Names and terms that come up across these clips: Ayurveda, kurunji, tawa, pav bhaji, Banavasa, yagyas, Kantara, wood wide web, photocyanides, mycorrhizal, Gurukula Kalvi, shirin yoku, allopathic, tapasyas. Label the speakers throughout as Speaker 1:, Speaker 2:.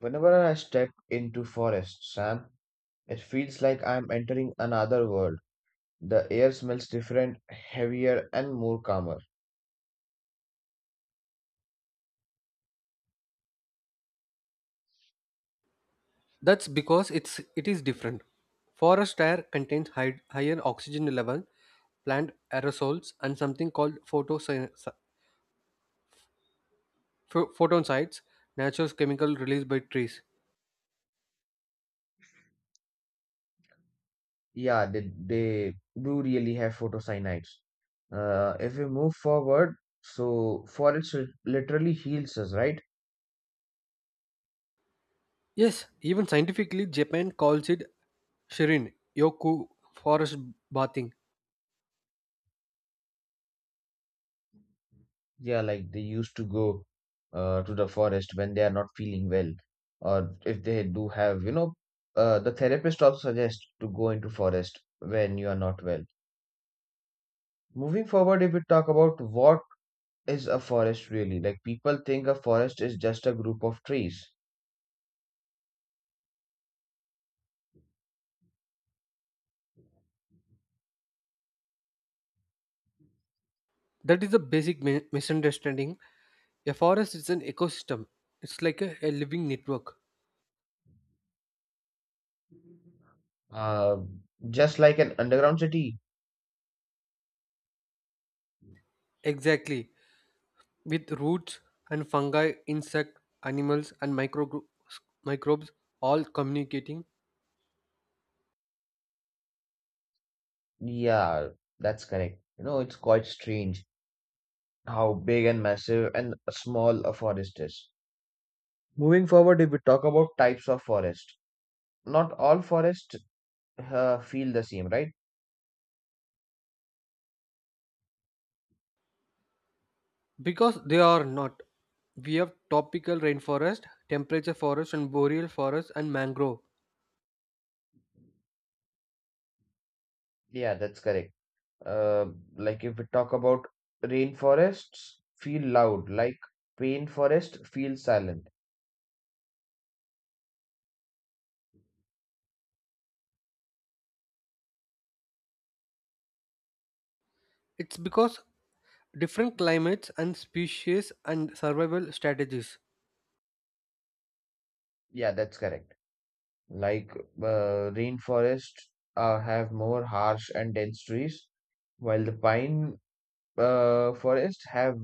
Speaker 1: Whenever I step into forest, Sam, it feels like I'm entering another world. The air smells different, heavier, and more calmer.
Speaker 2: That's because it is different. Forest air contains higher oxygen level, plant aerosols, and something called photon sites, natural chemical released by trees.
Speaker 1: Yeah, they do really have photocyanides. If we move forward, so forest literally heals us, right?
Speaker 2: Yes, even scientifically, Japan calls it shirin yoku forest bathing.
Speaker 1: Yeah, like they used to go to the forest when they are not feeling well, or if they do have, the therapist also suggests to go into forest when you are not well. Moving forward, if we talk about what is a forest really, like people think a forest is just a group of trees,
Speaker 2: That is a basic misunderstanding. A forest is an ecosystem. It's like a living network.
Speaker 1: uh, just like an underground city.
Speaker 2: Exactly, with roots and fungi, insect, animals, and microbes all communicating
Speaker 1: Yeah, that's correct. You know, it's quite strange how big and massive and small a forest is. Moving forward, if we talk about types of forest, not all forests feel the same, right?
Speaker 2: because they are not. We have tropical rainforest, temperate forest, and boreal forest, and mangrove.
Speaker 1: Yeah, that's correct. Uh, like if we talk about rainforests, feel loud, like pain forest, feel silent.
Speaker 2: It's because different climates and species and survival strategies.
Speaker 1: Yeah, that's correct. Like rainforests have more harsh and dense trees, while the pine forests have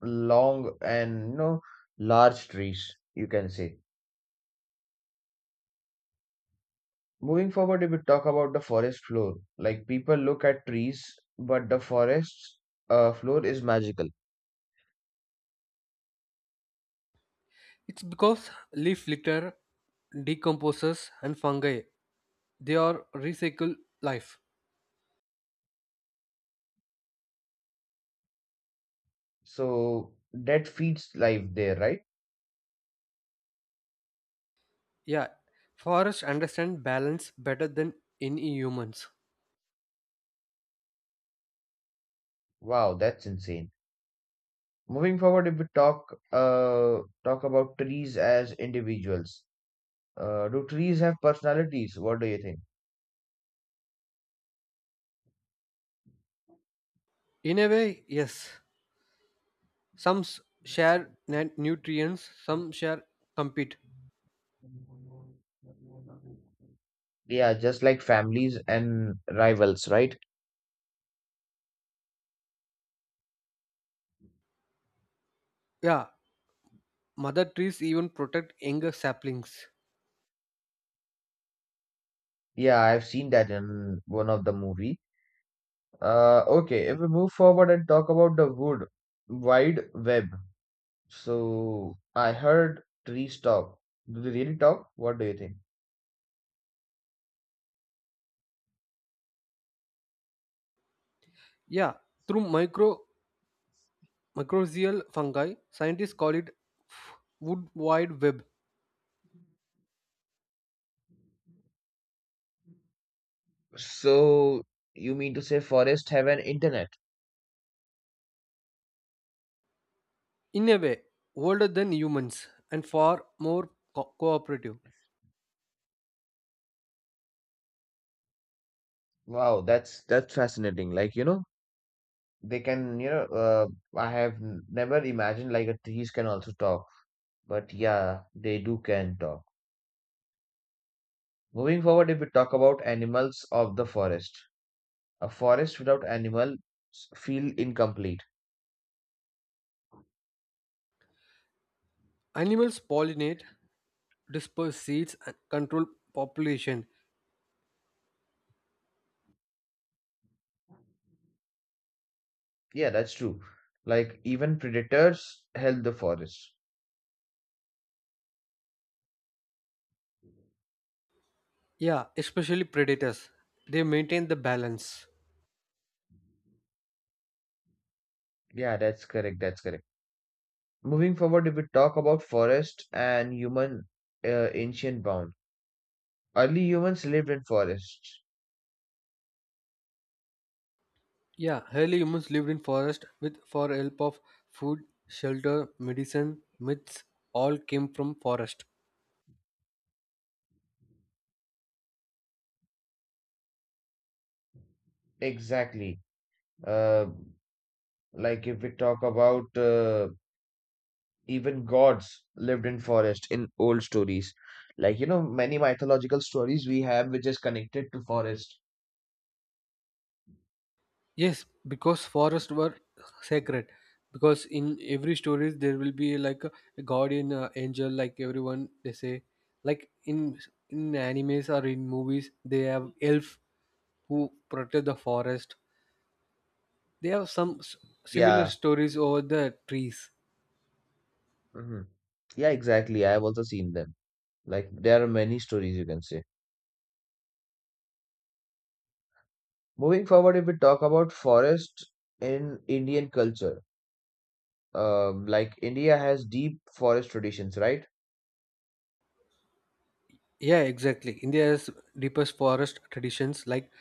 Speaker 1: long and large trees, you can say. Moving forward, if we talk about the forest floor, like people look at trees, but the forest's floor is magical.
Speaker 2: It's because leaf litter decomposes and fungi. They are recycle life.
Speaker 1: So that feeds life there, right?
Speaker 2: Yeah, forests understand balance better than any humans.
Speaker 1: Wow, that's insane. Moving forward, if we talk about trees as individuals. Do trees have personalities? What do you think?
Speaker 2: In a way, yes. some s- share nutrients, some share, compete.
Speaker 1: Yeah, just like families and rivals, right?
Speaker 2: Yeah, mother trees even protect younger saplings.
Speaker 1: Yeah, I've seen that in one of the movie. Okay, if we move forward and talk about the wood wide web. So I heard trees talk. Do they really talk? What do you think?
Speaker 2: Yeah, through micro mycorrhizal fungi, scientists call it wood wide web.
Speaker 1: So you mean to say forest have an internet?
Speaker 2: In a way, older than humans and far more cooperative.
Speaker 1: Wow, that's fascinating. Like, they can, I have never imagined like a trees can also talk, but yeah, they do can talk. Moving forward, if we talk about animals of the forest, a forest without animals feel incomplete.
Speaker 2: Animals pollinate, disperse seeds, and control population.
Speaker 1: Yeah, that's true. Like even predators help the forest.
Speaker 2: Yeah, especially predators, they maintain the balance.
Speaker 1: Yeah, that's correct. That's correct. Moving forward, if we talk about forest and human ancient bound, early humans lived in forests.
Speaker 2: Yeah, early humans lived in forest with for help of food, shelter, medicine, myths, all came from forest.
Speaker 1: Exactly. Uh, like if we talk about even gods lived in forest in old stories, like many mythological stories we have which is connected to forest.
Speaker 2: Yes, because forests were sacred. Because in every stories there will be like a guardian angel, like everyone they say, like in animes or in movies they have elf who protect the forest. They have similar
Speaker 1: Yeah.
Speaker 2: stories over the trees.
Speaker 1: Hmm. Yeah, exactly, I have also seen them. Like there are many stories, you can say. Moving forward, if we talk about forest in Indian culture, like India has deep forest traditions, right?
Speaker 2: Yeah, exactly. India has deepest forest traditions like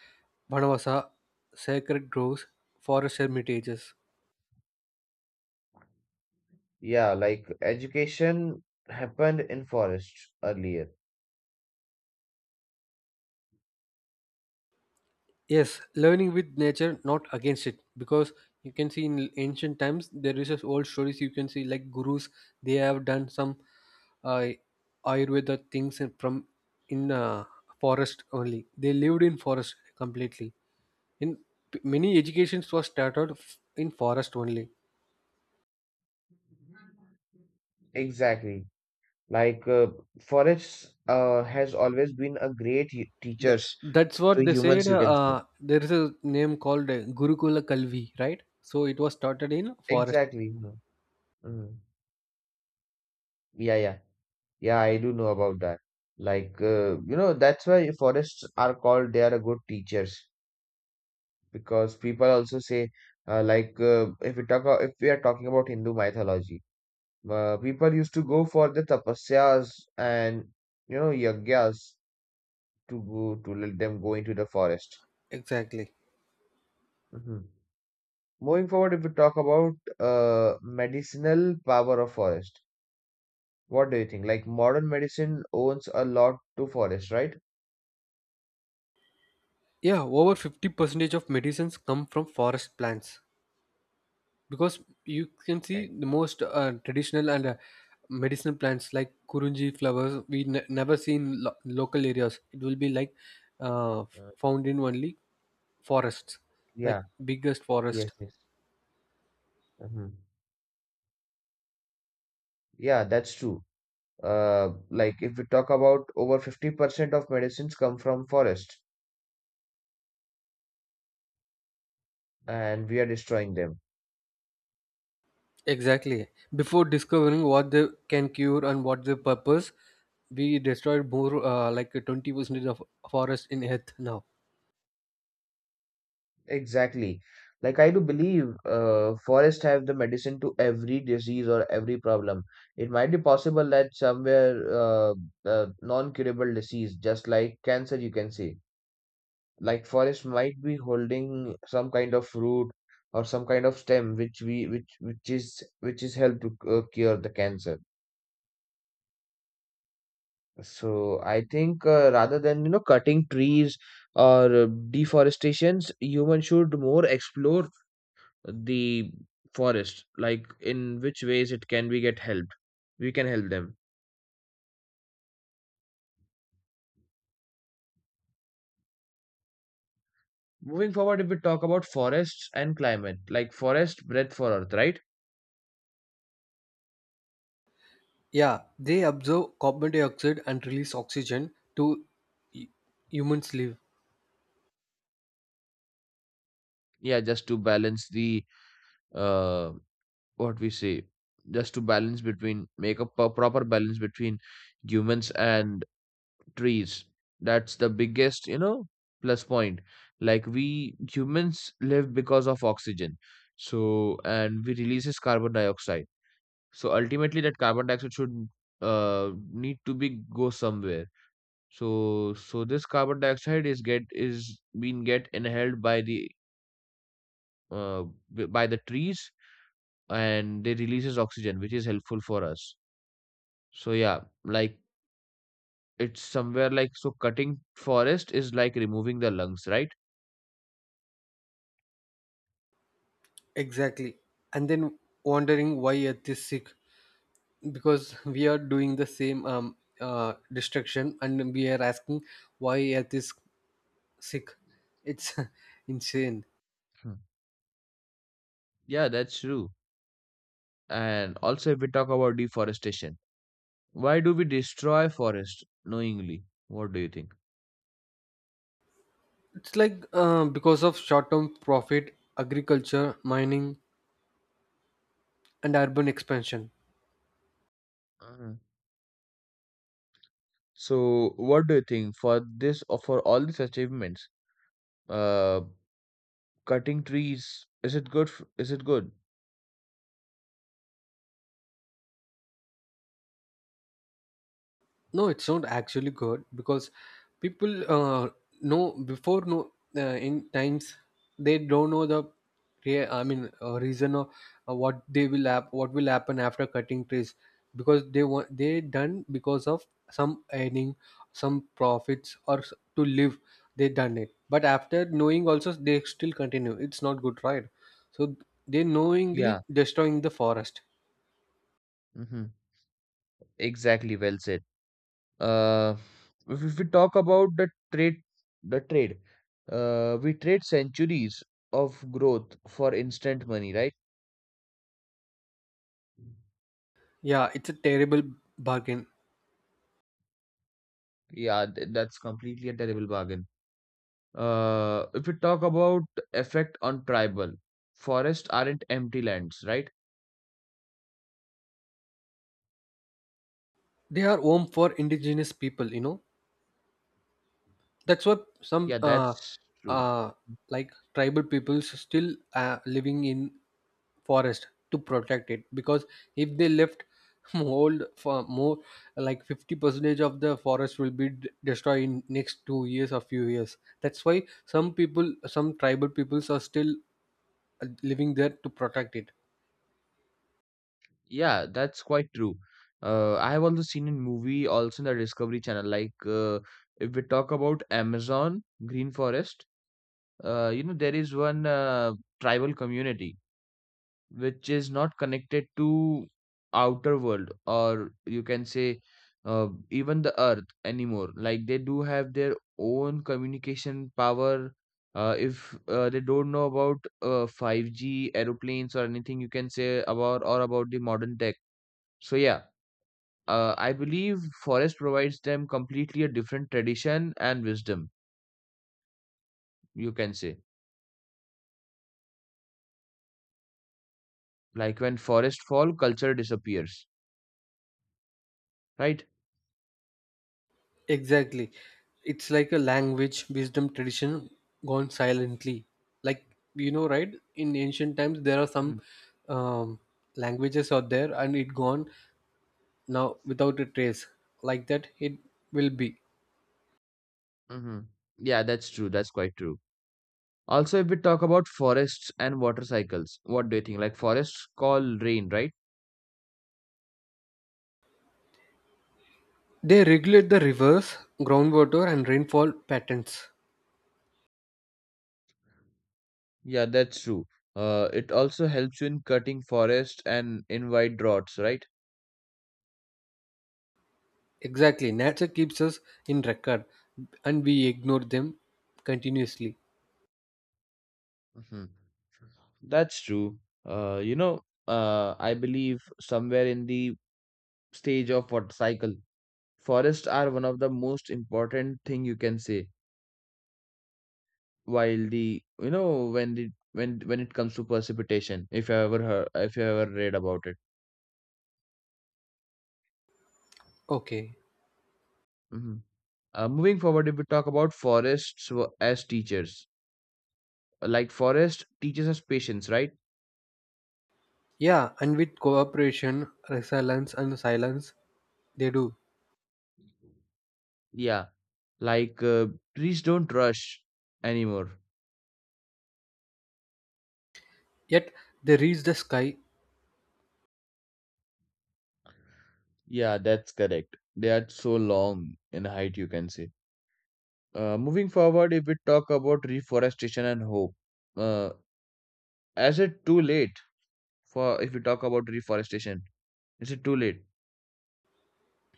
Speaker 2: Banavasa, sacred groves, forest hermitages.
Speaker 1: Yeah, like education happened in forest earlier.
Speaker 2: Yes, learning with nature, not against it. Because you can see in ancient times, there is just old stories you can see like gurus, they have done some uh, Ayurveda things from in forest only. They lived in forest completely. In many educations was started in forest only.
Speaker 1: Exactly. Like forests has always been a great
Speaker 2: Th-
Speaker 1: teachers
Speaker 2: that's what
Speaker 1: to
Speaker 2: they said.
Speaker 1: humans, you can say.
Speaker 2: There is a name called Gurukula Kalvi, right? So it was started in forest.
Speaker 1: Exactly. Mhm, mhm. Yeah, yeah, yeah. I do know about that. Like you know, that's why forests are called they are a good teachers because people also say like if we if we are talking about Hindu mythology, people used to go for the tapasyas and yagyas to go to let them go into the forest.
Speaker 2: Exactly.
Speaker 1: Mhm. Moving forward, if we talk about medicinal power of forest, what do you think? Like modern medicine owns a lot to forest, right?
Speaker 2: Yeah, over 50 percentage of medicines come from forest plants because you can see
Speaker 1: Eh,
Speaker 2: the most traditional and medicinal plants like kurunji flowers we never see in local areas. It will be like
Speaker 1: uh,
Speaker 2: found in only forests, like
Speaker 1: yeah,
Speaker 2: biggest forest.
Speaker 1: yes, yes. Hmm. Yeah, that's true. Like if we talk about over 50% of medicines come from forest and we are destroying them.
Speaker 2: Exactly. Before discovering what they can cure and what their purpose, we destroyed more like 20% of forest in Earth now.
Speaker 1: Exactly. Like I do believe forests have the medicine to every disease or every problem. It might be possible that somewhere non-curable disease, just like cancer, you can say, like forest might be holding some kind of root or some kind of stem which we which is help to cure the cancer. So I think rather than cutting trees or deforestations, humans should more explore the forest, like in which ways it can we get helped, we can help them. Moving forward, if we talk about forests and climate, like forest breath for earth, right?
Speaker 2: Yeah, they absorb carbon dioxide and release oxygen to hu- humans live.
Speaker 1: Yeah, just to balance the uh what we say, just to balance between make a proper balance between humans and trees. That's the biggest, plus point. Like we humans live because of oxygen, so and we releases carbon dioxide. So ultimately, that carbon dioxide should need to be go somewhere. So this carbon dioxide is being get inhaled by the uh, by the trees, and they releases oxygen, which is helpful for us. So yeah, like it's somewhere like so cutting forest is like removing the lungs, right?
Speaker 2: Exactly. And then wondering why Earth is sick because we are doing the same destruction and we are asking why Earth is sick. It's insane.
Speaker 1: Hmm. Yeah, that's true. And also, if we talk about deforestation, why do we destroy forest knowingly? What do you think?
Speaker 2: It's like because of short term profit, agriculture, mining, and urban expansion.
Speaker 1: Mhm. So, what do you think for this or for all these achievements? Uh, Cutting trees, is it good? Is it good?
Speaker 2: No, it's not actually good because people know before no uh, in times they don't know the reason of what they will what will happen after cutting trees, because they want, they done because of some earning, some profits or to live, they done it. But after knowing also they still continue, it's not good, right? So they knowingly
Speaker 1: Yeah.
Speaker 2: destroying the forest.
Speaker 1: Mm-hmm. Exactly. Well said. Uh, if we talk about the trade, we trade centuries of growth for instant money, right?
Speaker 2: Yeah, it's a terrible bargain.
Speaker 1: Yeah, that's completely a terrible bargain. If we talk about effect on tribal, forests aren't empty lands, right?
Speaker 2: They are home for indigenous people, you know. That's what some
Speaker 1: Yeah, that's true.
Speaker 2: uh, like tribal peoples still living in forest to protect it, because if they left old for more like 50 percentage of the forest will be destroyed in next 2 years or few years. That's why some people, some tribal peoples are still living there to protect it.
Speaker 1: Yeah, that's quite true. I have also seen in movie also in the Discovery Channel. Like if we talk about Amazon Green Forest, there is one tribal community which is not connected to outer world, or you can say even the earth anymore. Like they do have their own communication power. If they don't know about 5G aeroplanes or anything, you can say about or about the modern tech. So yeah, I believe forest provides them completely a different tradition and wisdom, you can say. Like when forest fall, culture disappears, right?
Speaker 2: Exactly. It's like a language, wisdom, tradition gone silently. Like, you know, right? In ancient times, there are some um, languages out there and it gone now without a trace. Like that, it will be.
Speaker 1: Mm-hmm. Yeah, that's true. That's quite true. Also, if we talk about forests and water cycles, what do you think? Like forests call rain, right?
Speaker 2: They regulate the rivers, groundwater, and rainfall patterns.
Speaker 1: Yeah, that's true. It also helps you in cutting forest and invite droughts, right?
Speaker 2: Exactly. Nature keeps us in record and we ignore them continuously.
Speaker 1: Hmm. That's true. Uh, you know, I believe somewhere in the stage of water cycle, forests are one of the most important thing you can say while the when the when it comes to precipitation, if you ever heard, if you ever read about it.
Speaker 2: Okay.
Speaker 1: Hmm. Moving forward if we talk about forests as teachers, like forest teaches us patience, right?
Speaker 2: Yeah, and with cooperation, resilience, and silence, they do.
Speaker 1: Yeah, like trees don't rush anymore.
Speaker 2: Yet they reach the sky.
Speaker 1: Yeah, that's correct, they are so long in height, you can say. Moving forward, if we talk about reforestation and hope, uh, is it too late for, if we talk about reforestation. Is it too late?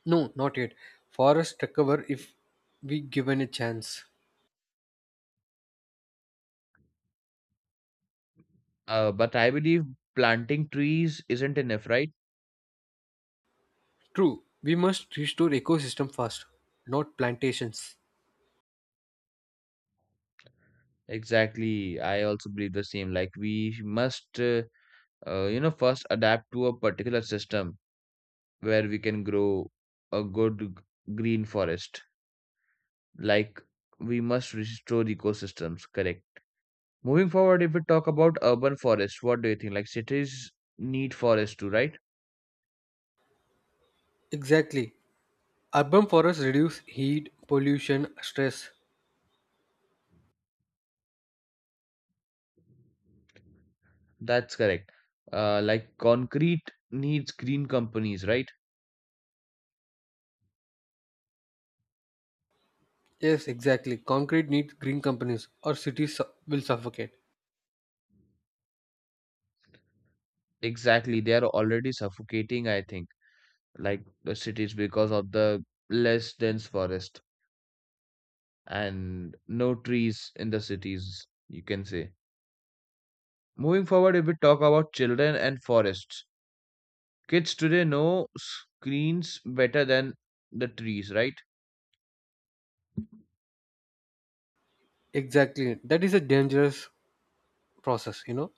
Speaker 2: No, not yet. Forests recover if we given a chance.
Speaker 1: But I believe planting trees isn't enough, right?
Speaker 2: True, we must restore ecosystem first, not plantations.
Speaker 1: Exactly. I also believe the same. Like we must, first adapt to a particular system where we can grow a good green forest. Like we must restore ecosystems. Correct. Moving forward, if we talk about urban forests, what do you think? Like cities need forests too, right?
Speaker 2: Exactly. Urban forests reduce heat, pollution, stress.
Speaker 1: That's correct. Like concrete needs green companies, right?
Speaker 2: Yes, exactly. Concrete needs green companies or cities will suffocate.
Speaker 1: Exactly, they are already suffocating, I think, like the cities because of the less dense forest and no trees in the cities, you can say. Moving forward, if we talk about children and forests, kids today know screens better than the trees, right?
Speaker 2: Exactly. That is a dangerous process, you know.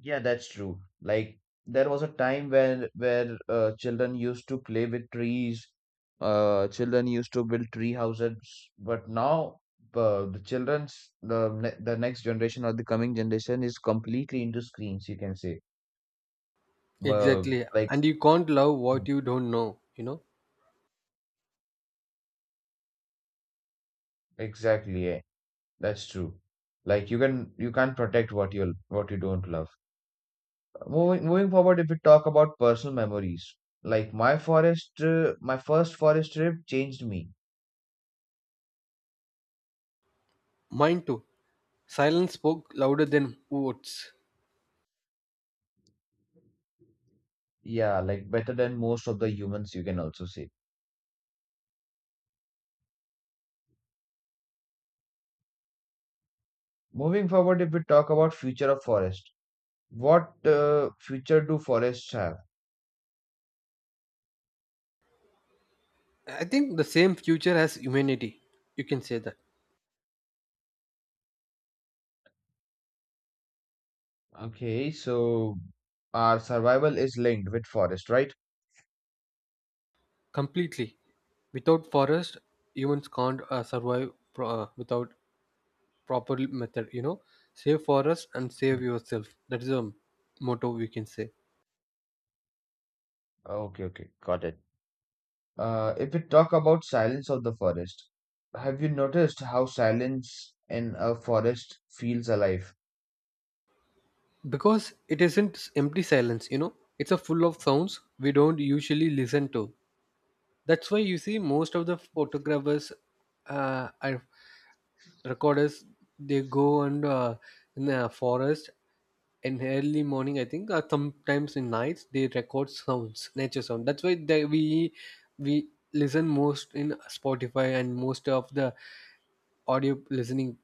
Speaker 1: Yeah, that's true. Like there was a time when where children used to play with trees. Children used to build tree houses, but now the next generation or the coming generation is completely into screens, you can say. uh,
Speaker 2: Exactly.
Speaker 1: like
Speaker 2: And you can't love
Speaker 1: mm,
Speaker 2: what you don't know, you know.
Speaker 1: exactly, yeah, that's true. Like you can't protect what you don't love. Moving forward, if we talk about personal memories, like my first forest trip changed me.
Speaker 2: Mine too. Silence spoke louder than words.
Speaker 1: Yeah, like better than most of the humans, you can also say. Moving forward, if we talk about future of forest, what future do forests have?
Speaker 2: I think the same future as humanity. You can say that
Speaker 1: Okay, so our survival is linked with forest, right?
Speaker 2: completely. Without forest, humans can't survive without proper method. You know, save forest and
Speaker 1: Hmm.
Speaker 2: save yourself. That is a motto, we can say,
Speaker 1: Okay, okay, got it. If we talk about silence of the forest, have you noticed how silence in a forest feels alive?
Speaker 2: because it isn't empty silence. You know, it's a full of sounds we don't usually listen to. That's why you see most of the photographers and recorders, they go and in the forest in early morning I think, or sometimes in nights they record sounds, nature sound. That's why they, we listen most in Spotify and most of the audio listening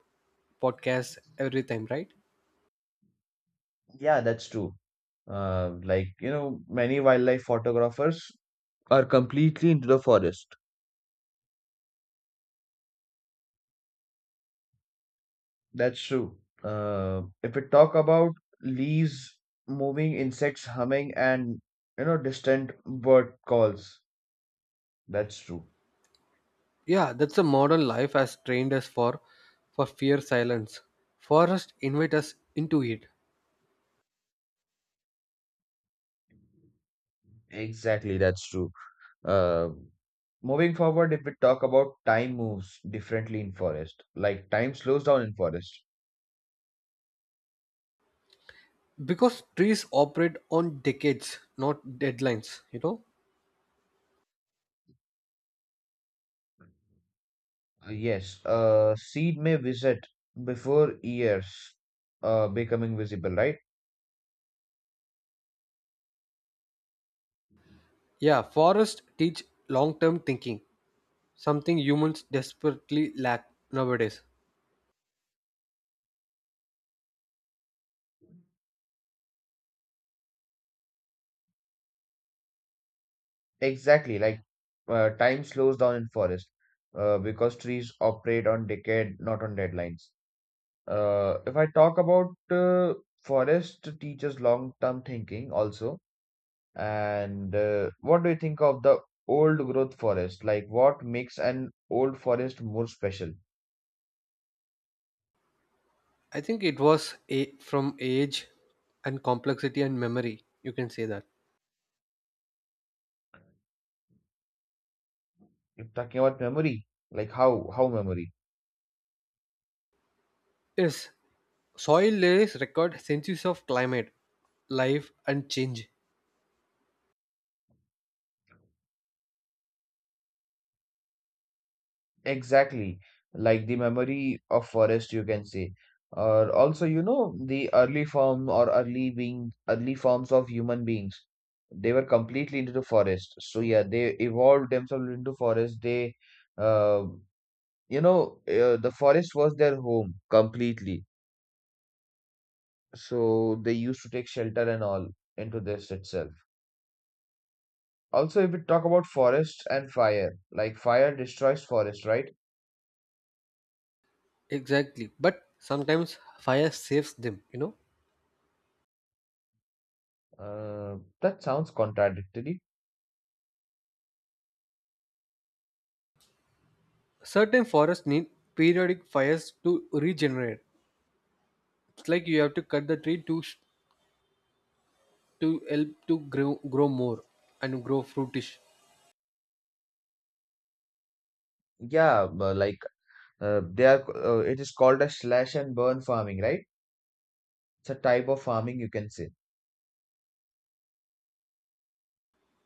Speaker 2: podcasts every time, right?
Speaker 1: Yeah, that's true. Like, many wildlife photographers are completely into the forest. That's true. If we talk about leaves moving, insects humming, and distant bird calls, that's true.
Speaker 2: Yeah, that's the modern life has trained us for fear silence. Forest invite us into it
Speaker 1: Exactly, that's true. Uh, Moving forward, if we talk about time moves differently in forest, like time slows down in forest.
Speaker 2: because trees operate on decades, not deadlines, you know.
Speaker 1: Yes, seed may visit before years becoming visible, right?
Speaker 2: Yeah, forests teach long-term thinking, something humans desperately lack nowadays.
Speaker 1: Exactly, like time slows down in forest because trees operate on decade, not on deadlines. If I talk about forest teaches long-term thinking also, and what do you think of the old growth forest? Like what makes an old forest more special?
Speaker 2: I think it was from age and complexity and memory. You can say that.
Speaker 1: If talking about memory, like how memory?
Speaker 2: Yes, soil layers record senses of climate, life, and change.
Speaker 1: Exactly, like the memory of forest, you can say. Or also, you know, the early form or early being, early forms of human beings, they were completely into the forest. So yeah, they evolved themselves into forest. Uh, the forest was their home completely. So they used to take shelter and all into this itself. Also, if we talk about forest and fire, like fire destroys forest, right?
Speaker 2: Exactly. But sometimes fire saves them, you know.
Speaker 1: Uh, that sounds contradictory.
Speaker 2: Certain forests need periodic fires to regenerate. It's like you have to cut the tree to to help to grow, grow more and grow fruitish.
Speaker 1: Yeah, but like it is called a slash and burn farming, right? It's a type of farming you can say.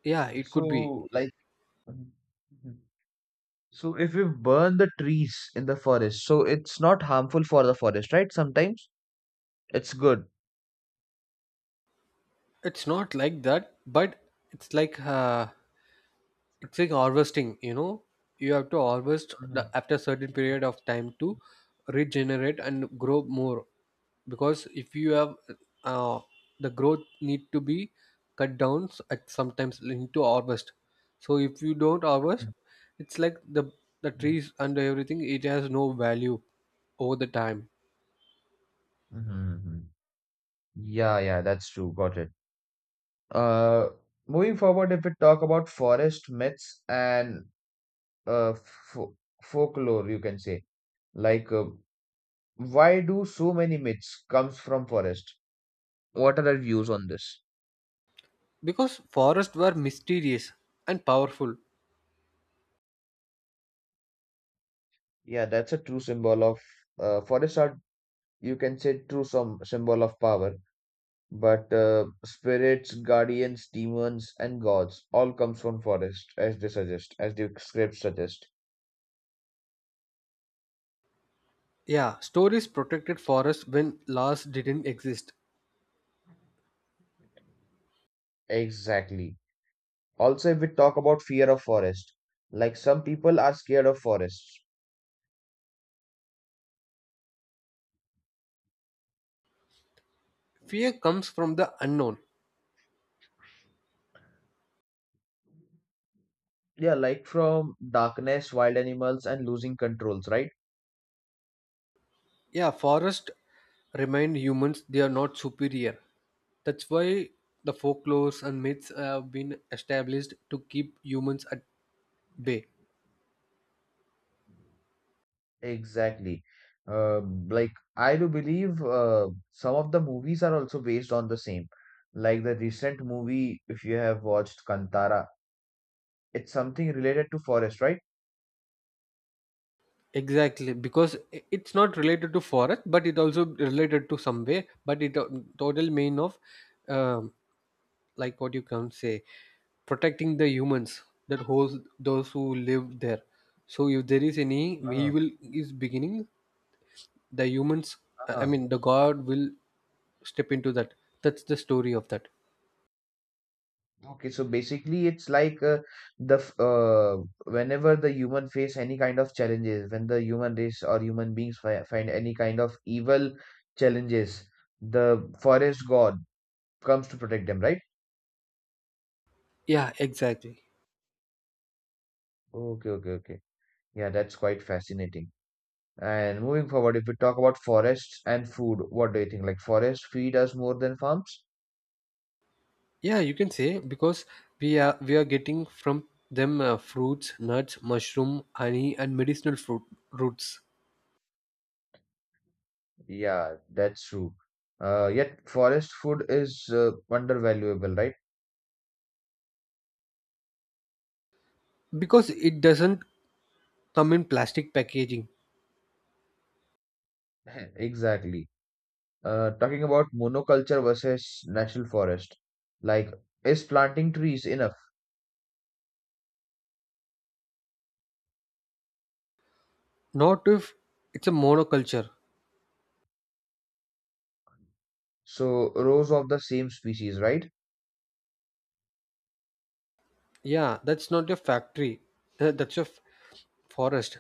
Speaker 2: Yeah, it could be.
Speaker 1: So, like, Mhm. Mhm. So if we burn the trees in the forest, so it's not harmful for the forest, right? Sometimes it's good.
Speaker 2: It's not like that, but it's like uh, it's like harvesting, you know. You have to harvest the,
Speaker 1: Mhm,
Speaker 2: after a certain period of time to regenerate and grow more, because if you have uh, the growth need to be cut down at sometimes, need to harvest. So if you don't harvest,
Speaker 1: mhm,
Speaker 2: it's like the trees and everything it has no value over the time.
Speaker 1: mhm, mhm. Yeah, yeah, that's true. Got it. Uh, moving forward, if we talk about forest myths and uh, fo folklore, you can say like. Uh, why do so many myths comes from forest? What are our views on this?
Speaker 2: Because forests were mysterious and powerful.
Speaker 1: Yeah, that's a true symbol of forests are, you can say, true some symbol of power, but spirits, guardians, demons, and gods all comes from forest, as they suggest, as the scripts suggest.
Speaker 2: Yeah, stories protected forests when laws didn't exist.
Speaker 1: Exactly. Also, if we talk about fear of forest, like some people are scared of forests.
Speaker 2: Fear comes from the unknown.
Speaker 1: Yeah, like from darkness, wild animals, and losing controls, right?
Speaker 2: Yeah, forests remind humans they are not superior. That's why the folklores and myths have been established to keep humans at bay.
Speaker 1: Exactly. Uh, like I do believe some of the movies are also based on the same. Like the recent movie, if you have watched Kantara, it's something related to forest, right?
Speaker 2: Exactly, because it's not related to forest, but it also related to some way. But it total mean of um, like what you can say, protecting the humans that holds those who live there. So if there is any
Speaker 1: Uh,
Speaker 2: evil is beginning, the humans, I
Speaker 1: uh,
Speaker 2: mean the God will step into that. That's the story of that.
Speaker 1: okay, so basically, it's like the f- uh, whenever the human face any kind of challenges, when the human race or human beings fi find any kind of evil challenges, the forest god comes to protect them, right?
Speaker 2: Yeah, exactly.
Speaker 1: Okay, okay, okay. Yeah, that's quite fascinating. And moving forward, if we talk about forests and food, what do you think? Like forests feed us more than farms?
Speaker 2: Yeah, you can say, because we are getting from them fruits, nuts, mushroom, honey, and medicinal fruit roots,
Speaker 1: Yeah, that's true. Yet forest food is undervaluable, right?
Speaker 2: because it doesn't come in plastic packaging.
Speaker 1: Exactly. Talking about monoculture versus natural forest, like is planting trees enough?
Speaker 2: Not if it's a monoculture.
Speaker 1: So rows of the same species, right?
Speaker 2: Yeah, that's not your factory. That's your forest.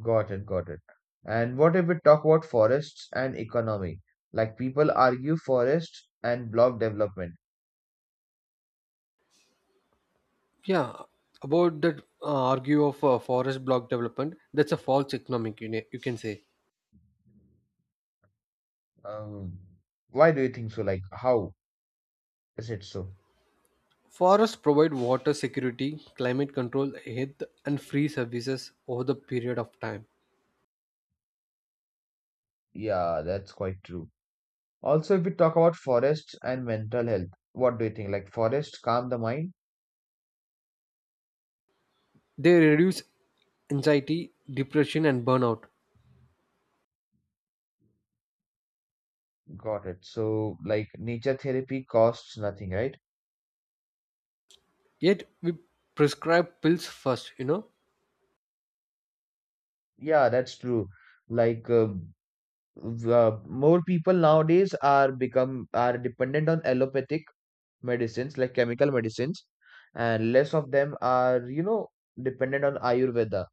Speaker 1: Got it, got it. And what if we talk about forests and economy? Like people argue forests and block development.
Speaker 2: Yeah, about that, argue of forest block development, that's a false economic, you know, you can say.
Speaker 1: Um, why do you think so? Like, how is it so?
Speaker 2: Forests provide water security, climate control, health, and free services over the period of time.
Speaker 1: Yeah, that's quite true. Also, if we talk about forests and mental health, what do you think? Like, forests calm the mind?
Speaker 2: They reduce anxiety, depression, and burnout.
Speaker 1: Got it. So, like, nature therapy costs nothing, right?
Speaker 2: Yet, we prescribe pills first, you know?
Speaker 1: Yeah, that's true. Like, more people nowadays are become are dependent on allopathic medicines, like chemical medicines, and less of them are, you know, dependent on Ayurveda,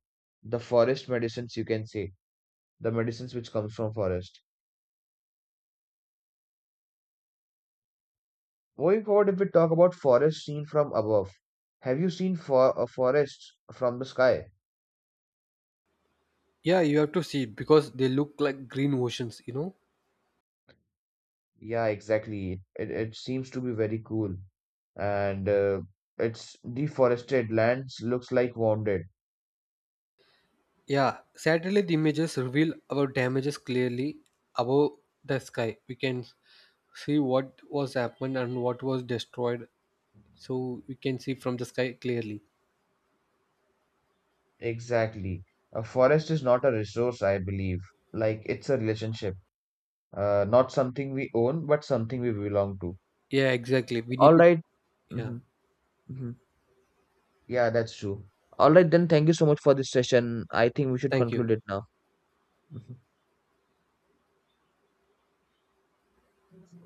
Speaker 1: the forest medicines, you can say. The medicines which comes from forest. Going forward, if we talk about forest seen from above, have you seen for a forest from the sky?
Speaker 2: Yeah, you have to see because they look like green oceans, you know?
Speaker 1: Yeah, exactly. It seems to be very cool, and its deforested lands looks like wounded.
Speaker 2: Yeah, satellite images reveal our damages clearly above the sky. We can see what was happened and what was destroyed. So, we can see from the sky clearly.
Speaker 1: Exactly. A forest is not a resource, I believe. Like it's a relationship, not something we own, but something we belong to.
Speaker 2: Yeah, exactly. We
Speaker 1: All
Speaker 2: need to.
Speaker 1: right.
Speaker 2: Yeah,
Speaker 1: Mm-hmm. Mm-hmm. Yeah, that's true. All right, then. Thank you so much for this session. I think we should
Speaker 2: thank you.
Speaker 1: conclude it now. Mhm.